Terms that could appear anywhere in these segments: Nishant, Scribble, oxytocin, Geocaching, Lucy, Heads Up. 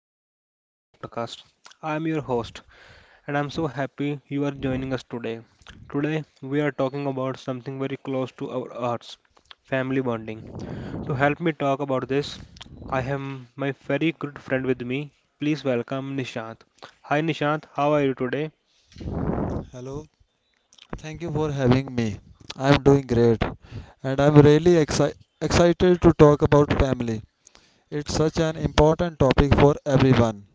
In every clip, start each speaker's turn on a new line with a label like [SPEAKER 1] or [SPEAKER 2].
[SPEAKER 1] welcome back to our podcast. I'm your host and I'm so happy you are joining us today. Today we are talking about something very close to our hearts, family bonding. To help me talk about this, I have my very good friend with me. Please welcome Nishant. Hi Nishant, how are you today?
[SPEAKER 2] Hello, thank you for having me. I'm doing great and I'm really excited to talk about family. It's such an important topic for everyone.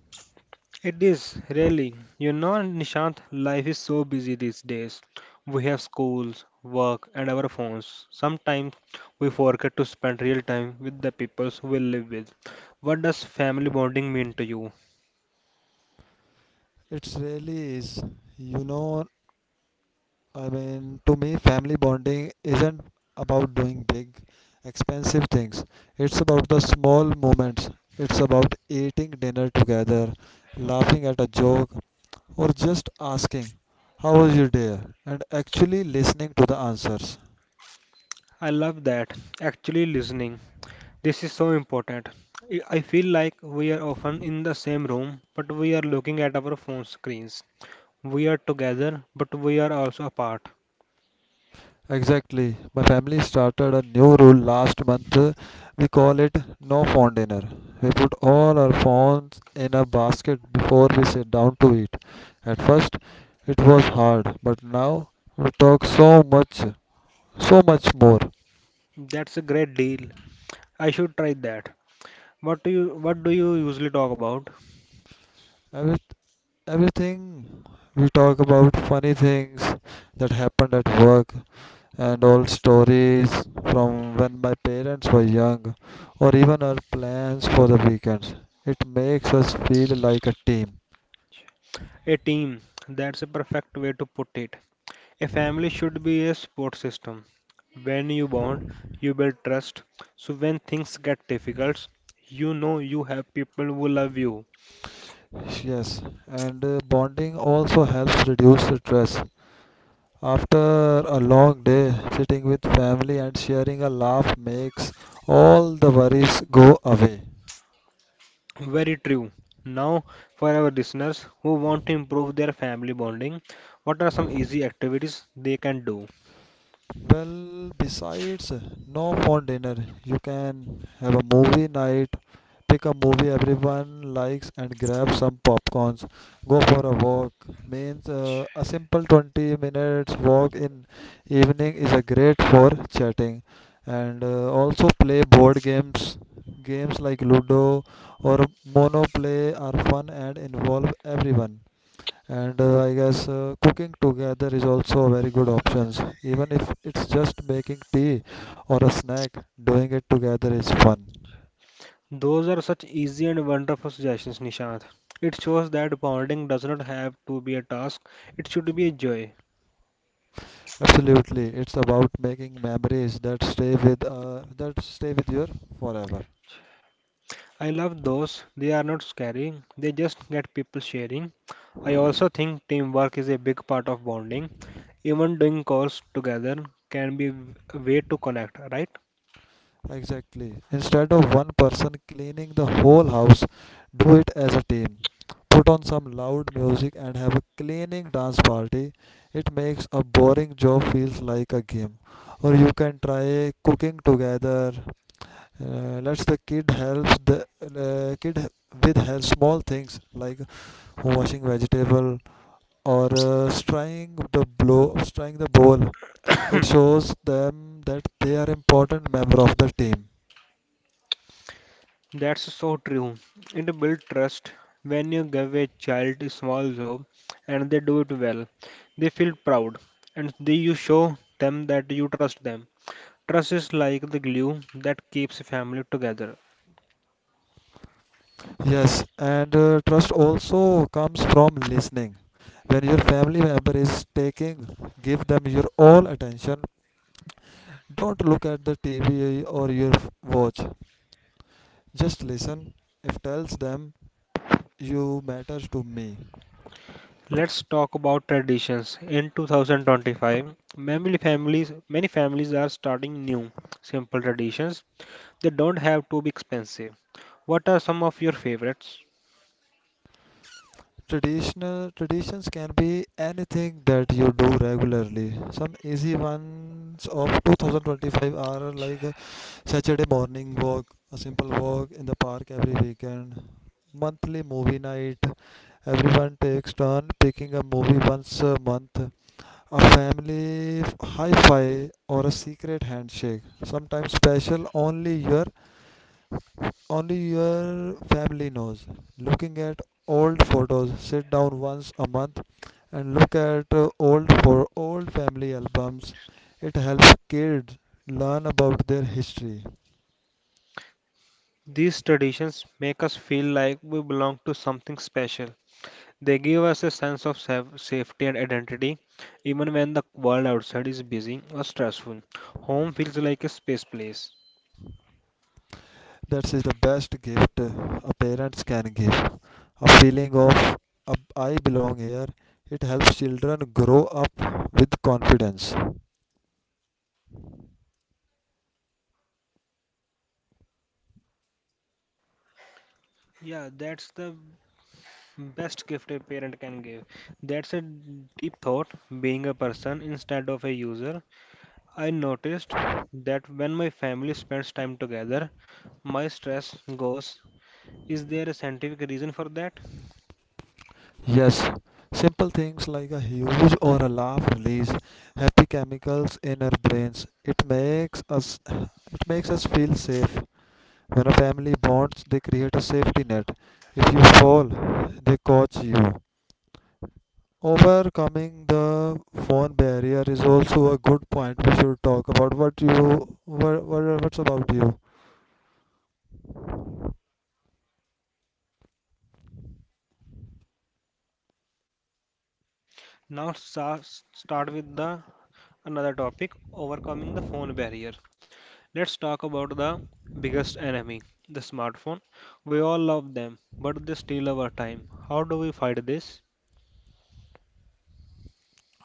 [SPEAKER 1] It is really, Nishant, life is so busy these days. We have schools, work, and our phones. Sometimes we forget to spend real time with the people we live with. What does family bonding mean to you?
[SPEAKER 2] It really is. You know, I mean, to me, family bonding isn't about doing big, expensive things, it's about the small moments. It's about eating dinner together, laughing at a joke, or just asking, "How was your day?" and actually listening to the answers.
[SPEAKER 1] I love that. Actually, listening. This is so important. I feel like we are often in the same room, but we are looking at our phone screens. We are together, but we are also apart.
[SPEAKER 2] Exactly. My family started a new rule last month. We call it no phone dinner. We put all our phones in a basket before we sit down to eat. At first, it was hard, but now we talk so much, so much
[SPEAKER 1] Th-
[SPEAKER 2] more.
[SPEAKER 1] That's a great deal. I should try that. What do you usually talk about?
[SPEAKER 2] Every, everything we talk about funny things that happened at work, and old stories from when my parents were young, or even our plans for the weekends. It makes us feel like a team.
[SPEAKER 1] A team. That's a perfect way to put it. A family should be a support system. When you bond, you build trust. So when things get difficult, you know you have people who love you.
[SPEAKER 2] Yes, and bonding also helps reduce stress. After a long day, sitting with family and sharing a laugh makes all the worries go away.
[SPEAKER 1] Very true. Now, for our listeners who want to improve their family bonding, what are some easy activities they can do?
[SPEAKER 2] Well, besides no phone dinner, you can have a movie night, pick a movie everyone likes, and grab some popcorns. Go for a walk. Means a simple 20 minutes walk in evening is a great for chatting, and also play board games. Games like Ludo or Monoplay are fun and involve everyone and I guess cooking together is also a very good options even if it's just making tea or a snack doing it together is fun.
[SPEAKER 1] Those are such easy and wonderful suggestions, Nishant. It shows that bonding does not have to be a task, it should be a joy.
[SPEAKER 2] Absolutely, it's about making memories that stay with you forever.
[SPEAKER 1] I love those, they are not scary, they just get people sharing. I also think teamwork is a big part of bonding. Even doing calls together can be a way to connect, right?
[SPEAKER 2] Exactly. Instead of one person cleaning the whole house, do it as a team. Put on some loud music and have a cleaning dance party. It makes a boring job feels like a game. Or you can try cooking together. Let's the kid helps the kid with help small things like washing vegetable or stirring the stirring the bowl. It shows them that they are important member of the team.
[SPEAKER 1] That's so true. It builds trust. When you give a child a small job and they do it well, they feel proud and they, you show them that you trust them. Trust is like the glue that keeps a family together.
[SPEAKER 2] Yes, and trust also comes from listening. When your family member is taking, give them your all attention. Don't look at the TV or your watch. Just listen. If tells them you matters to me.
[SPEAKER 1] Let's talk about traditions. In 2025, many families are starting new, simple traditions. They don't have to be expensive. What are some of your favorites?
[SPEAKER 2] Traditional Traditions can be anything that you do regularly. Some easy ones of 2025 are like a Saturday morning walk, a simple walk in the park every weekend, monthly movie night. Everyone takes turn picking a movie once a month, a family hi-fi or a secret handshake. Sometimes special only your family knows. Looking at old photos, sit down once a month and look at old family albums. It helps kids learn about their history.
[SPEAKER 1] These traditions make us feel like we belong to something special. They give us a sense of safety and identity, even when the world outside is busy or stressful. Home feels like a space place.
[SPEAKER 2] That is the best gift a parents can give. A feeling of I belong here. It helps children grow up with confidence.
[SPEAKER 1] Yeah, that's the best gift a parent can give. That's a deep thought, being a person instead of a user. I noticed that when my family spends time together, my stress goes. Is there a scientific reason for that?
[SPEAKER 2] Yes, simple things like a huge or a laugh release happy chemicals in our brains. It makes us feel safe. When a family bonds, they create a safety net. If you fall, they coach you. Overcoming the phone barrier is also a good point. We should talk about what's about you.
[SPEAKER 1] Start with the another topic, overcoming the phone barrier. Let's talk about the biggest enemy, the smartphone. We all love them, but they steal our time. How do we fight this?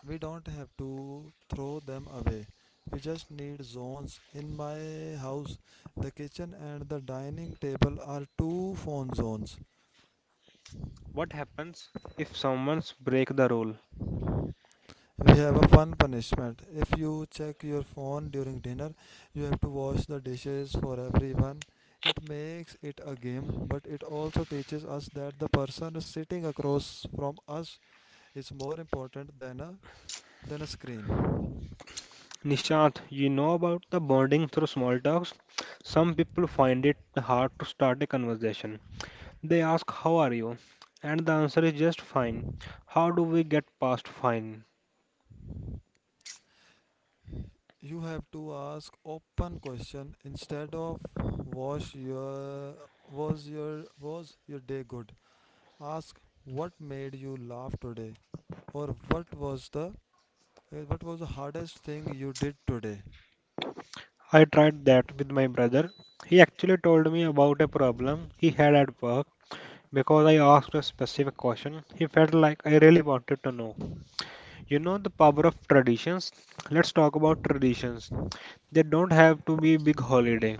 [SPEAKER 2] We don't have to throw them away, we just need zones. In my house the kitchen and the dining table are two phone zones.
[SPEAKER 1] What happens if someone breaks the rule?
[SPEAKER 2] We have a fun punishment. If you check your phone during dinner you have to wash the dishes for everyone. It makes it a game, but it also teaches us that the person sitting across from us is more important than a screen.
[SPEAKER 1] Nishant, you know about the bonding through small talks? Some people find it hard to start a conversation. They ask, how are you? And the answer is just fine. How do we get past fine?
[SPEAKER 2] You have to ask open question instead of was your was your day good. Ask what made you laugh today, or what was the what was the hardest thing you did today.
[SPEAKER 1] I tried that with my brother. He actually told me about a problem he had at work. Because I asked a specific question, he felt like I really wanted to know. You know the power of traditions? Let's talk about traditions. They don't have to be big holiday.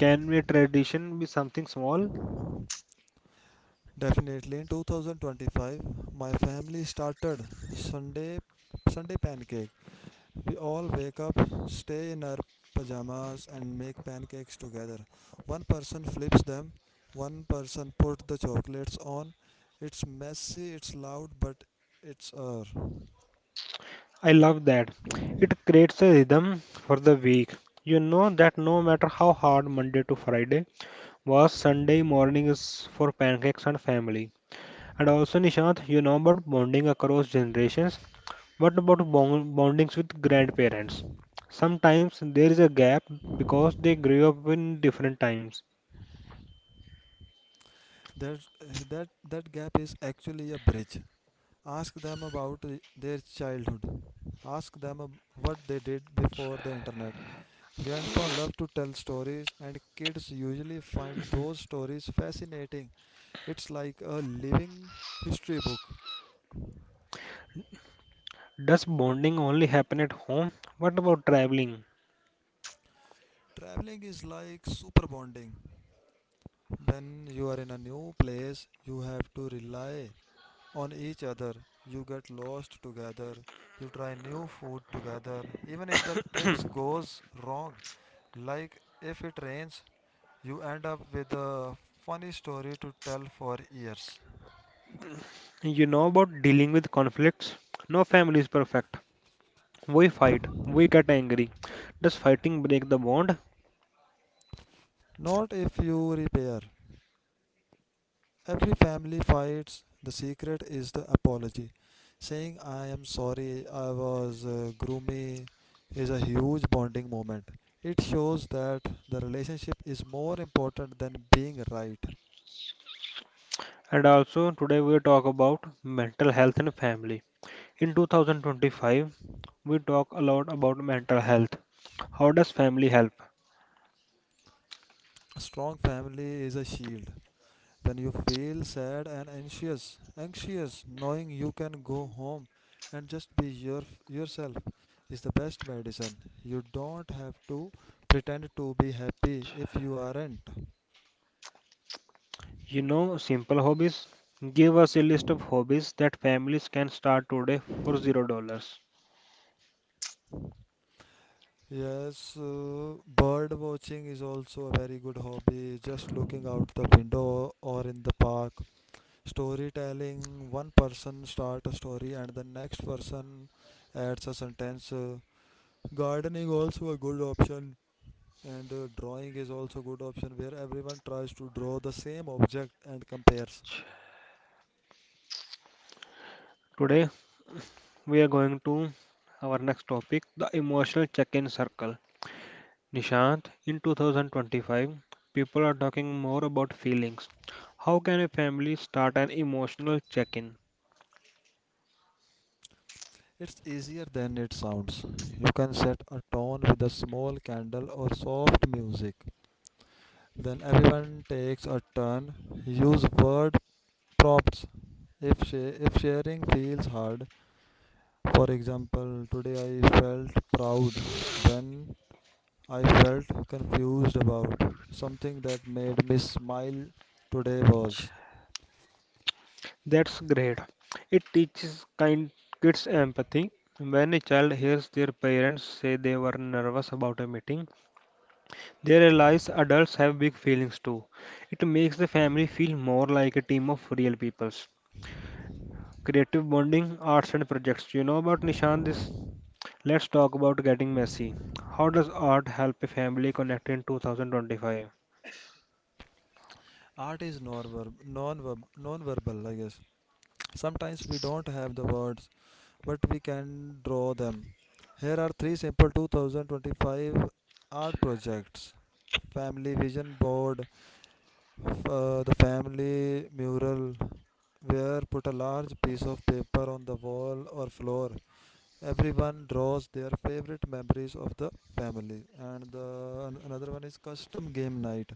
[SPEAKER 1] Can a tradition be something small?
[SPEAKER 2] Definitely, in 2025 my family started sunday Sunday pancakes. We all wake up, stay in our pajamas, and make pancakes together. One person flips them, one person put the chocolates on. It's messy, it's loud, but it's air.
[SPEAKER 1] I love that. It creates a rhythm for the week. You know that no matter how hard Monday to Friday was, Sunday morning is for pancakes and family. And also, Nishant, you know about bonding across generations. What about bondings with grandparents? Sometimes there is a gap because they grew up in different times.
[SPEAKER 2] That that that gap is actually a bridge. Ask them about their childhood. Ask them what they did before the internet. Grandpa loved to tell stories, and kids usually find those stories fascinating. It's like a living history book.
[SPEAKER 1] Does bonding only happen at home? What about traveling?
[SPEAKER 2] Traveling is like super bonding. When you are in a new place, you have to rely on each other. You get lost together. You try new food together. Even if the trips goes wrong, like if it rains, you end up with a funny story to tell for years.
[SPEAKER 1] You know about dealing with conflicts? No family is perfect. We fight, we get angry. Does fighting break the bond?
[SPEAKER 2] Not if you repair. Every family fights. The secret is the apology. Saying, "I am sorry, I was gloomy," is a huge bonding moment. It shows that the relationship is more important than being right.
[SPEAKER 1] And also, today we talk about mental health and family. In 2025, we talk a lot about mental health. How does family help?
[SPEAKER 2] A strong family is a shield. When you feel sad and anxious, knowing you can go home and just be yourself is the best medicine. You don't have to pretend to be happy if you aren't.
[SPEAKER 1] You know, simple hobbies. Give us a list of hobbies that families can start today for $0.
[SPEAKER 2] Yes, bird watching is also a very good hobby. Just looking out the window or in the park. Storytelling, one person starts a story and the next person adds a sentence. Gardening also a good option, and drawing is also good option where everyone tries to draw the same object and compares.
[SPEAKER 1] Today, we are going to our next topic, the emotional check in circle. Nishant, in 2025, people are talking more about feelings. How can a family start an emotional check in?
[SPEAKER 2] It's easier than it sounds. You can set a tone with a small candle or soft music. Then everyone takes a turn. Use word prompts if if sharing feels hard. For example, today I felt proud when, I felt confused about, something that made me smile, today was.
[SPEAKER 1] That's great. It teaches kind kids empathy. When a child hears their parents say they were nervous about a meeting, they realize adults have big feelings too. It makes the family feel more like a team of real peoples. Creative bonding, arts and projects. You know about Nishant this? Let's talk about getting messy. How does art help a family connect in 2025?
[SPEAKER 2] Art is non-verbal I guess. Sometimes we don't have the words, but we can draw them. Here are three simple 2025 art projects: family vision board, the family mural where put a large piece of paper on the wall or floor, everyone draws their favorite memories of the family, and another one is custom game night,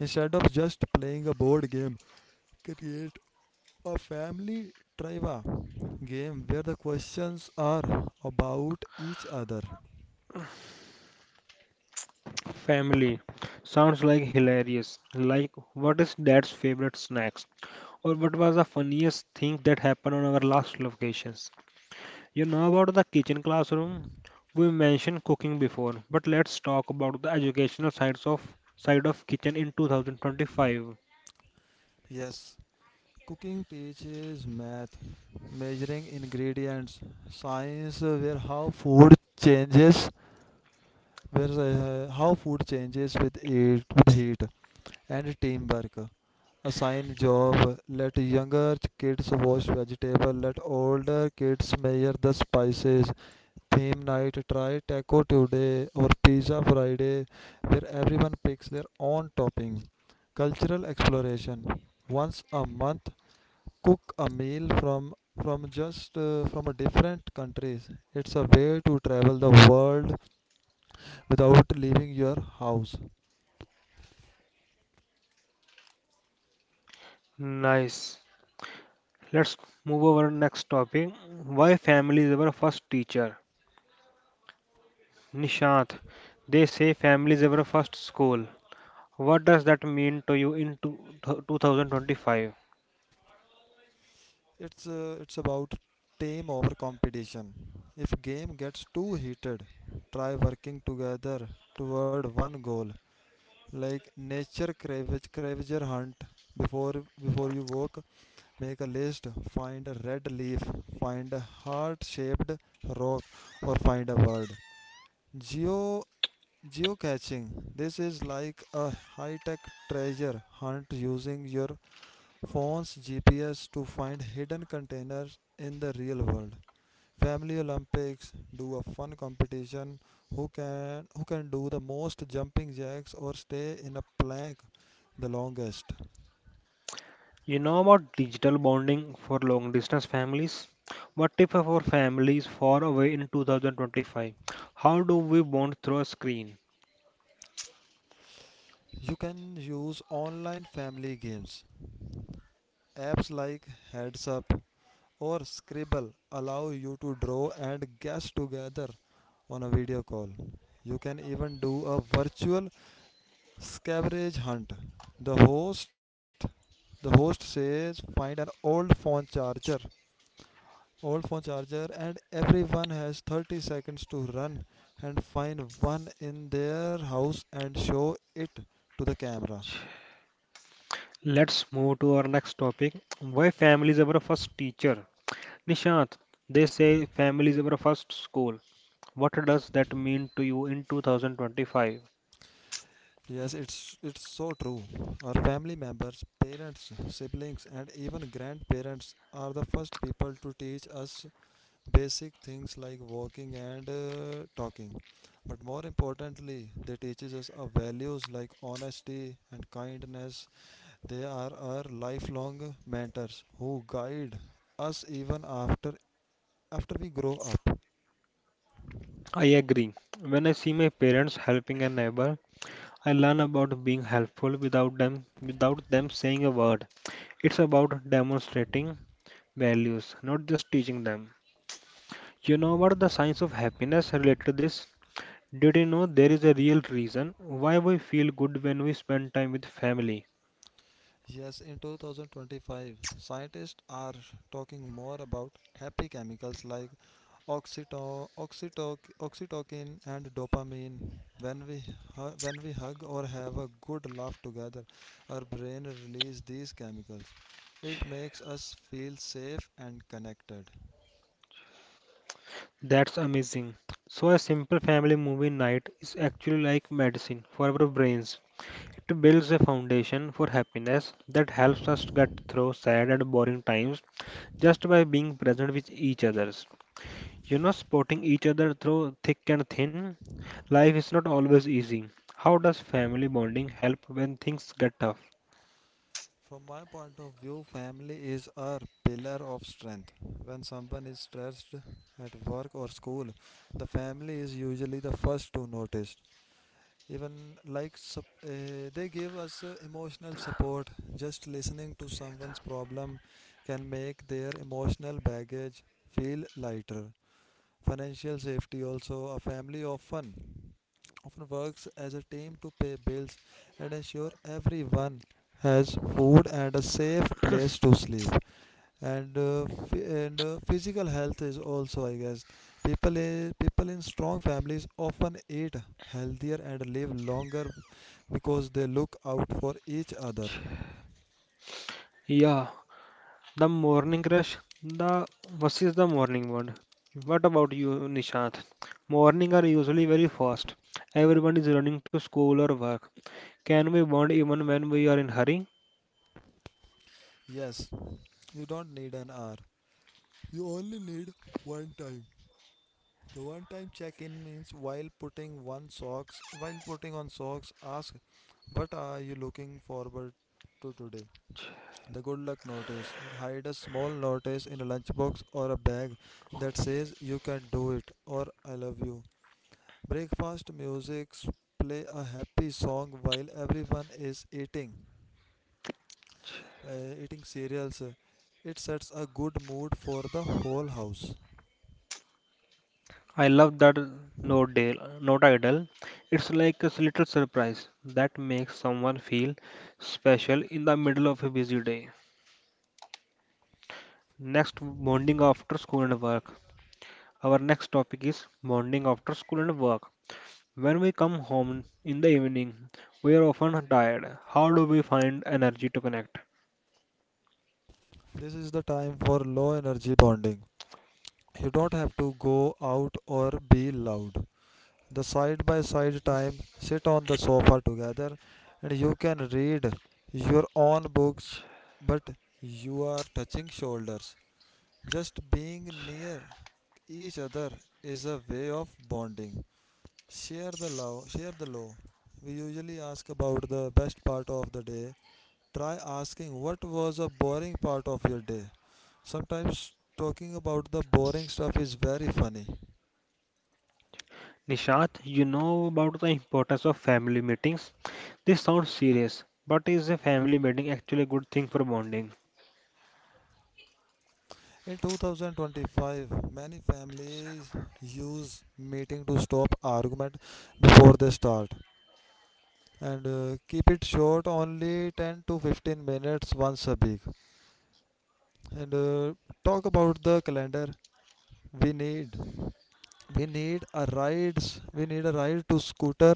[SPEAKER 2] instead of just playing a board game, create a family trivia game where the questions are about each other.
[SPEAKER 1] Family sounds like hilarious. Like, what is dad's favorite snacks? Or what was the funniest thing that happened on our last locations? You know about the kitchen classroom? We mentioned cooking before, but let's talk about the educational side of kitchen in 2025.
[SPEAKER 2] Yes. Cooking teaches math, measuring ingredients, science where how food changes, where how food changes with heat, and teamwork. Assign job. Let younger kids wash vegetable. Let older kids measure the spices. Theme night. Try taco today or pizza Friday, where everyone picks their own topping. Cultural exploration. Once a month, cook a meal from a different countries. It's a way to travel the world without leaving your house.
[SPEAKER 1] Nice. Let's move over next topic. Why family is our first teacher? Nishant, they say family is our first school. What does that mean to you in 2025?
[SPEAKER 2] It's about team over competition. If game gets too heated try working together toward one goal, like nature cravager hunt. before Before you walk make a list. Find a red leaf, find a heart shaped rock, or find a word. geo Geocaching. This is like a high tech treasure hunt using your phone's GPS to find hidden containers in the real world. Family Olympics, do a fun competition, who can do the most jumping jacks or stay in a plank the longest.
[SPEAKER 1] You know about digital bonding for long distance families? What if our family is far away in 2025? How do we bond through a screen?
[SPEAKER 2] You can use online family games. Apps like Heads Up or Scribble allow you to draw and guess together on a video call. You can even do a virtual scavenger hunt. The host the host says find an old phone charger, and everyone has 30 seconds to run and find one in their house and show it to the camera.
[SPEAKER 1] Let's move to our next topic. Why family is our first teacher? Nishant, they say family is our first school. What does that mean to you in 2025?
[SPEAKER 2] Yes, it's so true. Our family members, parents, siblings, and even grandparents are the first people to teach us basic things like walking and talking, but more importantly they teaches us our values like honesty and kindness. They are our lifelong mentors who guide us even after we grow up.
[SPEAKER 1] I agree. When I see my parents helping a neighbor, I learn about being helpful without them saying a word. It's about demonstrating values, not just teaching them. You know what the science of happiness related to this? Did you know there is a real reason why we feel good when we spend time with family?
[SPEAKER 2] Yes, in 2025, scientists are talking more about happy chemicals like oxytocin and dopamine. When we, when we hug or have a good laugh together, our brain releases these chemicals. It makes us feel safe and connected.
[SPEAKER 1] That's amazing. So a simple family movie night is actually like medicine for our brains. It builds a foundation for happiness that helps us get through sad and boring times just by being present with each others. You know, supporting each other through thick and thin. Life is not always easy. How does family bonding help when things get tough?
[SPEAKER 2] From my point of view, family is our pillar of strength. When someone is stressed at work or school, the family is usually the first to notice. Even they give us emotional support, just listening to someone's problem can make their emotional baggage feel lighter. Financial safety also, a family often works as a team to pay bills and ensure everyone has food and a safe place to sleep. And physical health is also I guess, people in strong families often eat healthier and live longer because they look out for each other.
[SPEAKER 1] Yeah, the morning rush. The What is the morning bond? What about you, Nishant? Morning are usually very fast. Everyone is running to school or work. Can we bond even when we are in hurry?
[SPEAKER 2] Yes, you don't need an hour. You only need one time. The one time check in means while putting on socks ask what are you looking forward to today? The good luck notice. Like hide a small notice in a lunchbox or a bag that says you can do it or I love you. Breakfast music, play a happy song while everyone is eating eating cereals. It sets a good mood for the whole house.
[SPEAKER 1] I love that note, Dale, note idol. It's like a little surprise that makes someone feel special in the middle of a busy day. Next, bonding after school and work. Our next topic is bonding after school and work. When we come home in the evening, we are often tired. How do we find energy to connect?
[SPEAKER 2] This is the time for low energy bonding. You don't have to go out or be loud. The side by side time, sit on the sofa together and you can read your own books, but you are touching shoulders. Just being near each other is a way of bonding. Share the love, share the love. We usually ask about the best part of the day. Try asking what was a boring part of your day. Sometimes talking about the boring stuff is very funny.
[SPEAKER 1] Nishant, you know about the importance of family meetings. This sounds serious, but is a family meeting actually a good thing for bonding?
[SPEAKER 2] In 2025, many families use meeting to stop argument before they start, and keep it short, only 10 to 15 minutes once a week, and talk about the calendar. We need we need a rides we need a ride to scooter.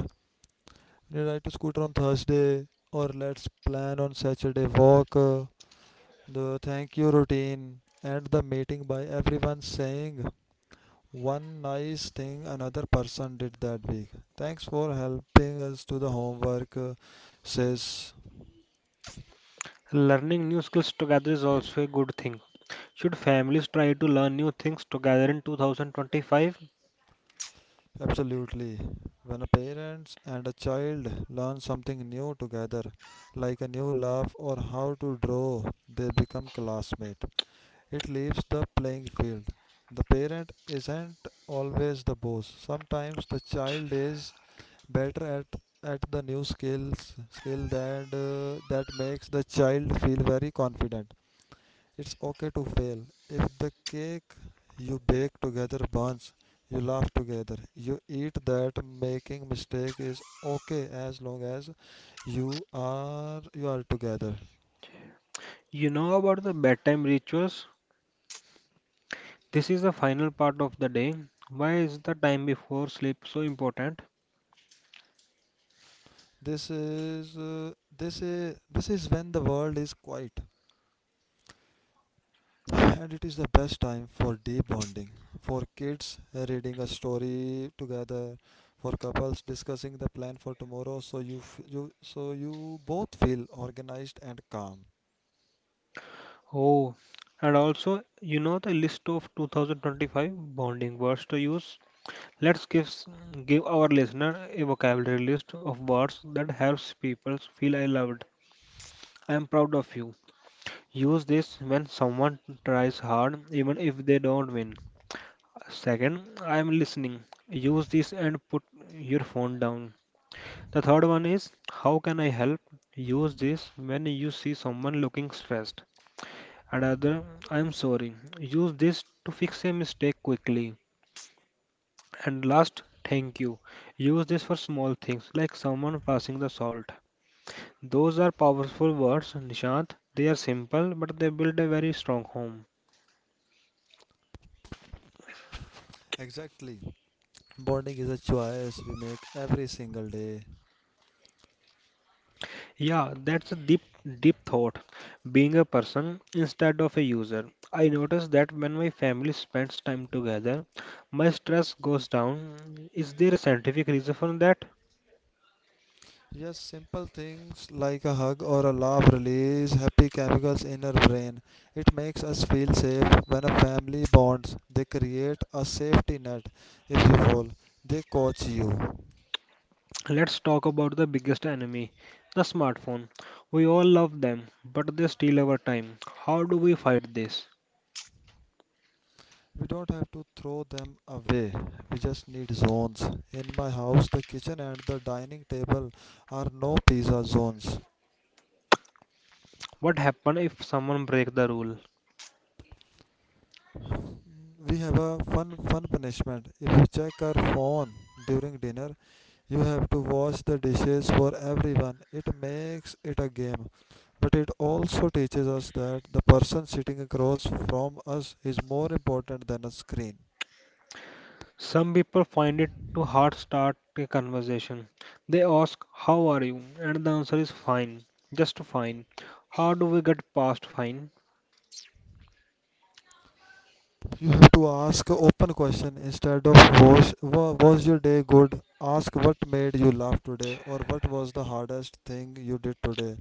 [SPEAKER 2] Can you ride a scooter on Thursday, or let's plan on Saturday walk? The thank you routine and the meeting by everyone saying one nice thing another person did that week. Thanks for helping us do the homework, says
[SPEAKER 1] Learning new skills together is also a good thing. Should families try to learn new things together in 2025?
[SPEAKER 2] absolutely. When a parent and a child learn something new together, like a new laugh or how to draw, they become classmates. It leaves the playing field. The parent isn't always the boss. Sometimes the child is better at the new skill that that makes the child feel very confident. It's okay to fail. If the cake you bake together burns, you laugh together. You eat that making mistake is okay as long as you are together.
[SPEAKER 1] You know about the bedtime rituals? This is the final part of the day. Why is the time before sleep so important?
[SPEAKER 2] This is when the world is quiet, and it is the best time for deep bonding. For kids, reading a story together; for couples, discussing the plan for tomorrow, so you f- you so you both feel organized and calm.
[SPEAKER 1] Oh, and also, you know the list of 2025 bonding words to use? Let's give, s- Give our listener a vocabulary list of words that helps people feel I loved. I am proud of you. Use this when someone tries hard, even if they don't win. Second, I am listening. Use this and put your phone down. The third one is, how can I help? Use this when you see someone looking stressed. Another, I am sorry. Use this to fix a mistake quickly. And last, thank you. Use this for small things like someone passing the salt. Those are powerful words, Nishant. They are simple, but they build a very strong home.
[SPEAKER 2] Exactly, bonding is a choice we make every single day.
[SPEAKER 1] Yeah, that's a deep thought. Being a person instead of a user. I notice that when my family spends time together, my stress goes down. Is there a scientific reason for that?
[SPEAKER 2] Just simple things like a hug or a laugh release happy chemicals in our brain. It makes us feel safe. When a family bonds, they create a safety net. If you fall, they coach you.
[SPEAKER 1] Let's talk about the biggest enemy, the smartphone. We all love them, but they steal our time. How do we fight this?
[SPEAKER 2] We don't have to throw them away. We just need zones. In my house, the kitchen and the dining table are no pizza zones.
[SPEAKER 1] What happens if someone breaks the rule?
[SPEAKER 2] We have a fun punishment: if you check our phone during dinner, you have to wash the dishes for everyone. It makes it a game, but it also teaches us that the person sitting across from us is more important than a screen.
[SPEAKER 1] Some people find it too hard to start a conversation. They ask, how are you? And the answer is fine, just fine. How do we get past fine?
[SPEAKER 2] You have to ask open question instead of was your day good, ask what made you laugh today or what was the hardest thing you did today.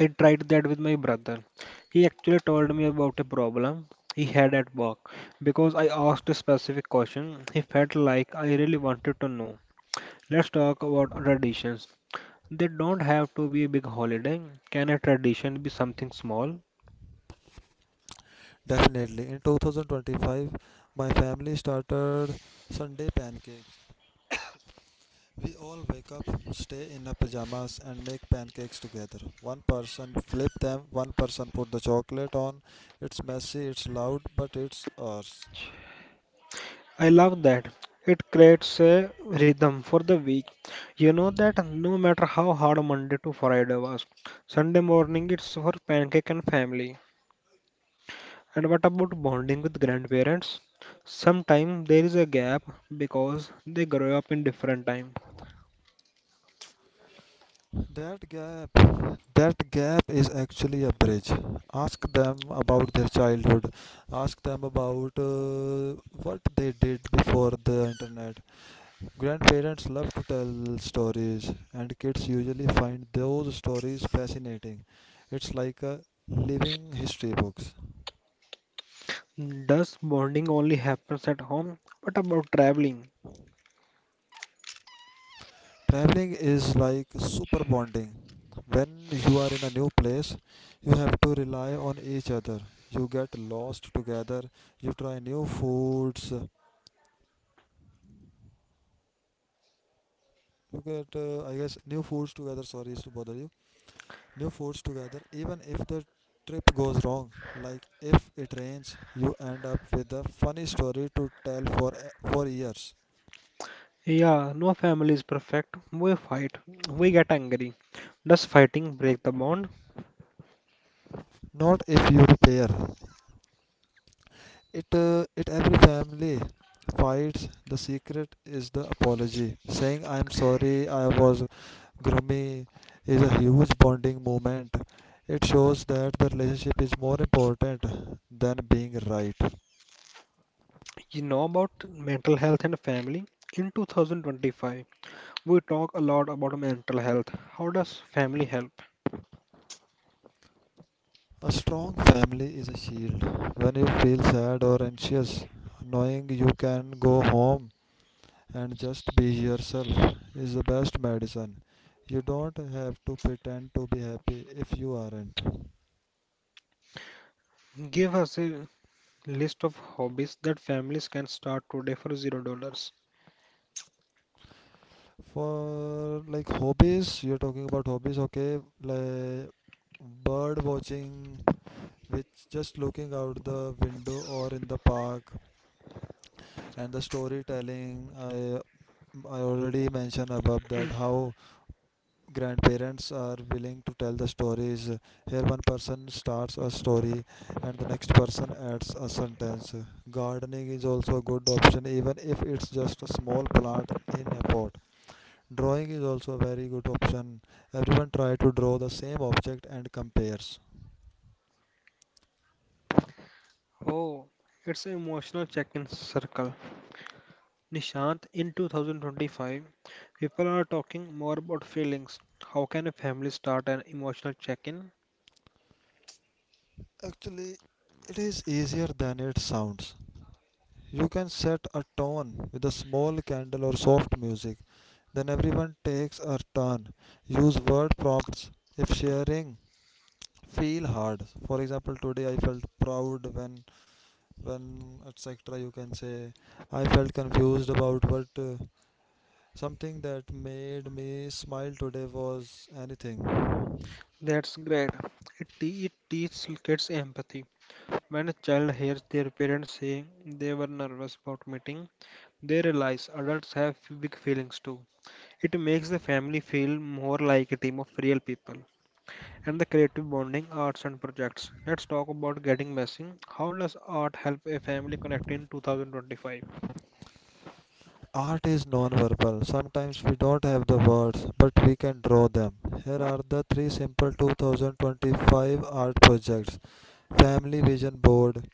[SPEAKER 1] I tried that with my brother. He actually told me about a problem he had at work. Because I asked a specific question, he felt like I really wanted to know. Let's talk about traditions. They don't have to be a big holiday. Can a tradition be something small?
[SPEAKER 2] Definitely. In 2025, my family started Sunday pancakes. We all wake up, stay in our pajamas, and make pancakes together. One person flip them, one person put the chocolate on. It's messy, it's loud, but it's ours.
[SPEAKER 1] I love that. It creates a rhythm for the week. You know that no matter how hard Monday to Friday was, Sunday morning it's for pancake and family. And what about bonding with grandparents? Sometimes there is a gap because they grow up in different time.
[SPEAKER 2] That gap, that gap is actually a bridge. Ask them about their childhood. Ask them about what they did before the internet. Grandparents love to tell stories, and kids usually find those stories fascinating. It's like a living history books.
[SPEAKER 1] Does bonding only happens at home? What about traveling?
[SPEAKER 2] Traveling is like super bonding. When you are in a new place, you have to rely on each other. You get lost together. You try new foods. You get, new foods together. Sorry is to bother you. New foods together, even if the trip goes wrong, like if it rains, you end up with a funny story to tell for years.
[SPEAKER 1] Yeah, no family is perfect. We fight, we get angry. Does fighting break the bond?
[SPEAKER 2] Not if you repair it. Every family fights. The secret is the apology, saying I'm sorry I was grummy is a huge bonding moment. It shows that the relationship is more important than being right.
[SPEAKER 1] You know about mental health and family? In 2025, we talk a lot about mental health. How does family help?
[SPEAKER 2] A strong family is a shield. When you feel sad or anxious, knowing you can go home and just be yourself is the best medicine. You don't have to pretend to be happy if you aren't.
[SPEAKER 1] Give us a list of hobbies that families can start today for $0.
[SPEAKER 2] For like hobbies, you're talking about hobbies, okay? Like bird watching, which just looking out the window or in the park, and the storytelling. I already mentioned above that how grandparents are willing to tell the stories. Here, one person starts a story and the next person adds a sentence. Gardening is also a good option, even if it's just a small plant in a pot. Drawing is also a very good option. Everyone try to draw the same object and compares.
[SPEAKER 1] Oh, it's an emotional check-in circle. Nishant, in 2025, people are talking more about feelings. How can a family start an emotional check-in?
[SPEAKER 2] Actually, it is easier than it sounds. You can set a tone with a small candle or soft music. Then everyone takes a turn. Use word prompts if sharing feel hard. For example, today I felt proud when etc. You can say I felt confused about what something that made me smile today was anything.
[SPEAKER 1] That's great. It teaches kids empathy. When a child hears their parents saying they were nervous about meeting, they realize adults have big feelings too. It makes the family feel more like a team of real people. And the creative bonding, arts and projects. Let's talk about getting messy. How does art help a family connect in 2025?
[SPEAKER 2] Art is non-verbal. Sometimes we don't have the words, but we can draw them. Here are the three simple 2025 art projects. Family vision board: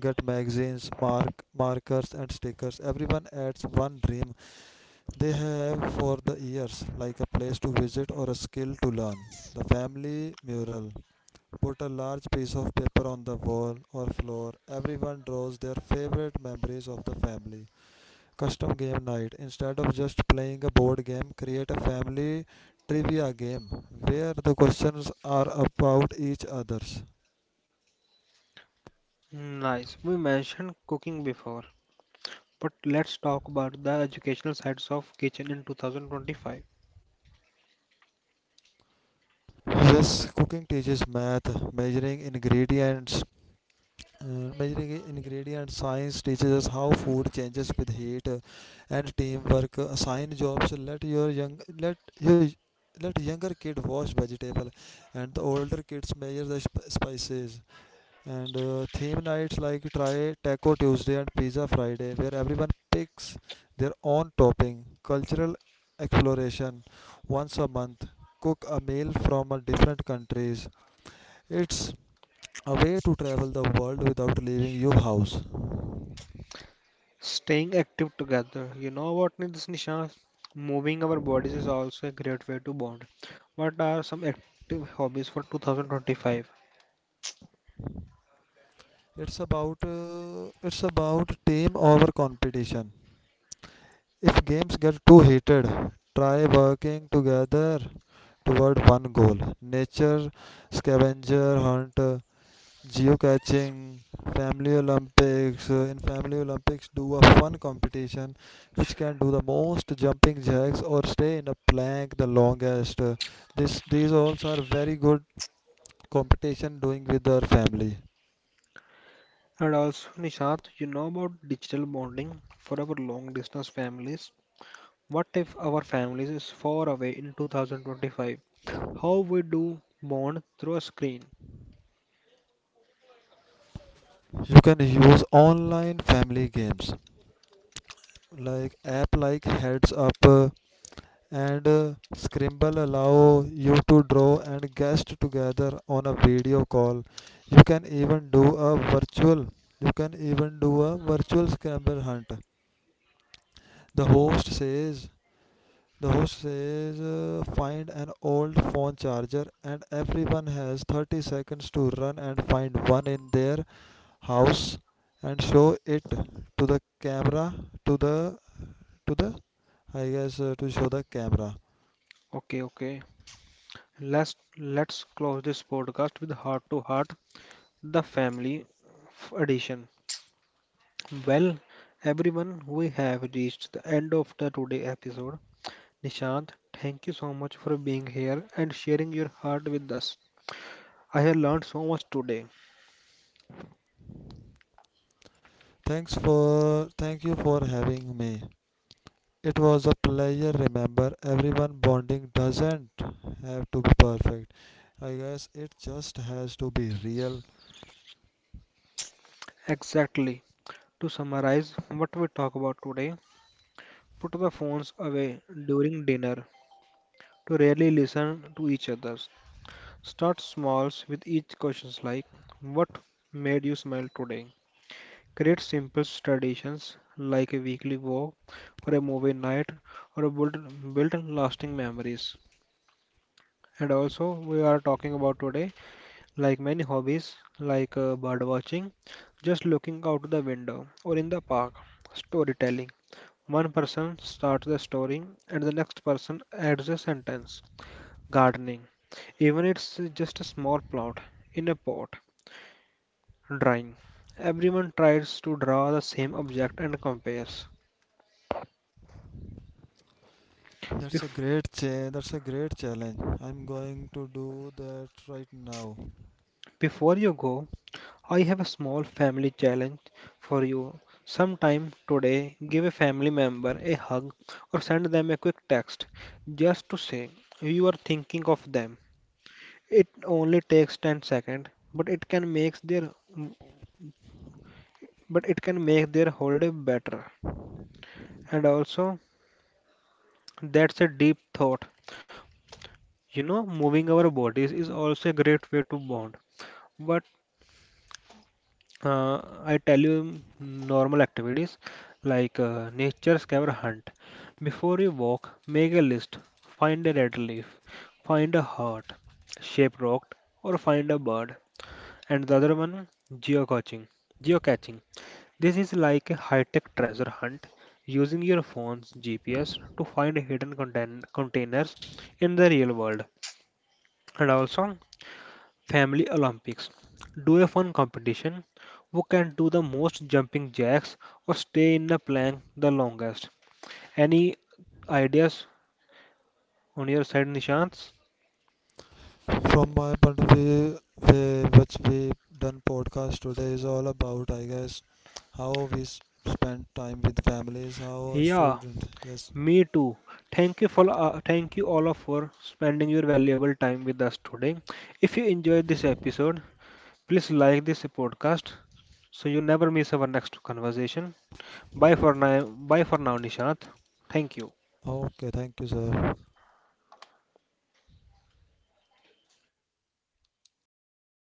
[SPEAKER 2] get magazines, markers and stickers, everyone adds one dream they have for the years, like a place to visit or a skill to learn. The family mural: put a large piece of paper on the wall or floor, everyone draws their favorite memories of the family. Custom game night: instead of just playing a board game, create a family trivia game where the questions are about each others.
[SPEAKER 1] Nice. We mentioned cooking before, but let's talk about the educational sides of kitchen in 2025.
[SPEAKER 2] Yes, cooking teaches math, measuring ingredients. Measuring ingredient science teaches us how food changes with heat, and teamwork. Assign jobs. Let your young let your Let younger kid wash vegetable, and the older kids measure the spices. And theme nights like try Taco Tuesday and Pizza Friday, where everyone picks their own topping. Cultural exploration: once a month cook a meal from a different countries. It's a way to travel the world without leaving your house.
[SPEAKER 1] Staying active together. You know what, Nisha? Moving our bodies is also a great way to bond. What are some active hobbies for 2025?
[SPEAKER 2] It's about team over competition. If games get too heated, try working together toward one goal. Nature scavenger hunt, geocaching, family Olympics. In family Olympics, do a fun competition which can do the most jumping jacks or stay in a plank the longest. This these all are very good competition doing with our family.
[SPEAKER 1] And also, Nishant, you know about digital bonding for our long distance families. What if our families is far away in 2025? How we do bond through a screen?
[SPEAKER 2] You can use online family games like app like Heads Up and Scribble allow you to draw and guess together on a video call. You can even do a virtual. You can even do a virtual Scrabble hunt. The host says. The host says find an old phone charger and everyone has 30 seconds to run and find one in their house and show it to the camera, to the to the to show the camera.
[SPEAKER 1] Okay, okay. Let's close this podcast with heart to heart, the family edition. Well, everyone, we have reached the end of the today episode. Nishant, thank you so much for being here and sharing your heart with us. I have learned so much today.
[SPEAKER 2] Thank you for having me. It was a pleasure. Remember, everyone, bonding doesn't have to be perfect. I guess it just has to be real.
[SPEAKER 1] Exactly. To summarize what we talk about today, put the phones away during dinner to really listen to each other. Start smalls with each questions like what made you smile today? Create simple traditions like a weekly walk or a movie night or a build lasting memories. And also, we are talking about today, like many hobbies, like bird watching, just looking out the window or in the park, storytelling. One person starts the story and the next person adds a sentence. Gardening, even it's just a small plot in a pot. Drawing, everyone tries to draw the same object and compares. Bef
[SPEAKER 2] That's a great challenge. I'm going to do that right now.
[SPEAKER 1] Before you go, I have a small family challenge for you. Sometime today, give a family member a hug or send them a quick text just to say you are thinking of them. It only takes 10 seconds, but it can make their whole day better. And also, that's a deep thought. You know, moving our bodies is also a great way to bond. What I tell you normal activities like nature scavenger hunt. Before you walk, make a list. Find a red leaf, find a heart shaped rock, or find a bird. And the other one, geocaching. Geocaching. This is like a high-tech treasure hunt using your phone's GPS to find hidden containers in the real world. And also, Family Olympics. Do a fun competition. Who can do the most jumping jacks or stay in a plank the longest? Any ideas on your side, Nishant?
[SPEAKER 2] From my point of view, which we done podcast today is all about, I guess, how we spend time with families, how a
[SPEAKER 1] Yeah,
[SPEAKER 2] student. Yes.
[SPEAKER 1] me too. Thank you for thank you all of for spending your valuable time with us today. If you enjoyed this episode, please like this podcast so you never miss our next conversation. Bye for now. Bye for now, Nishant. Thank you.
[SPEAKER 2] Okay. Thank you, sir.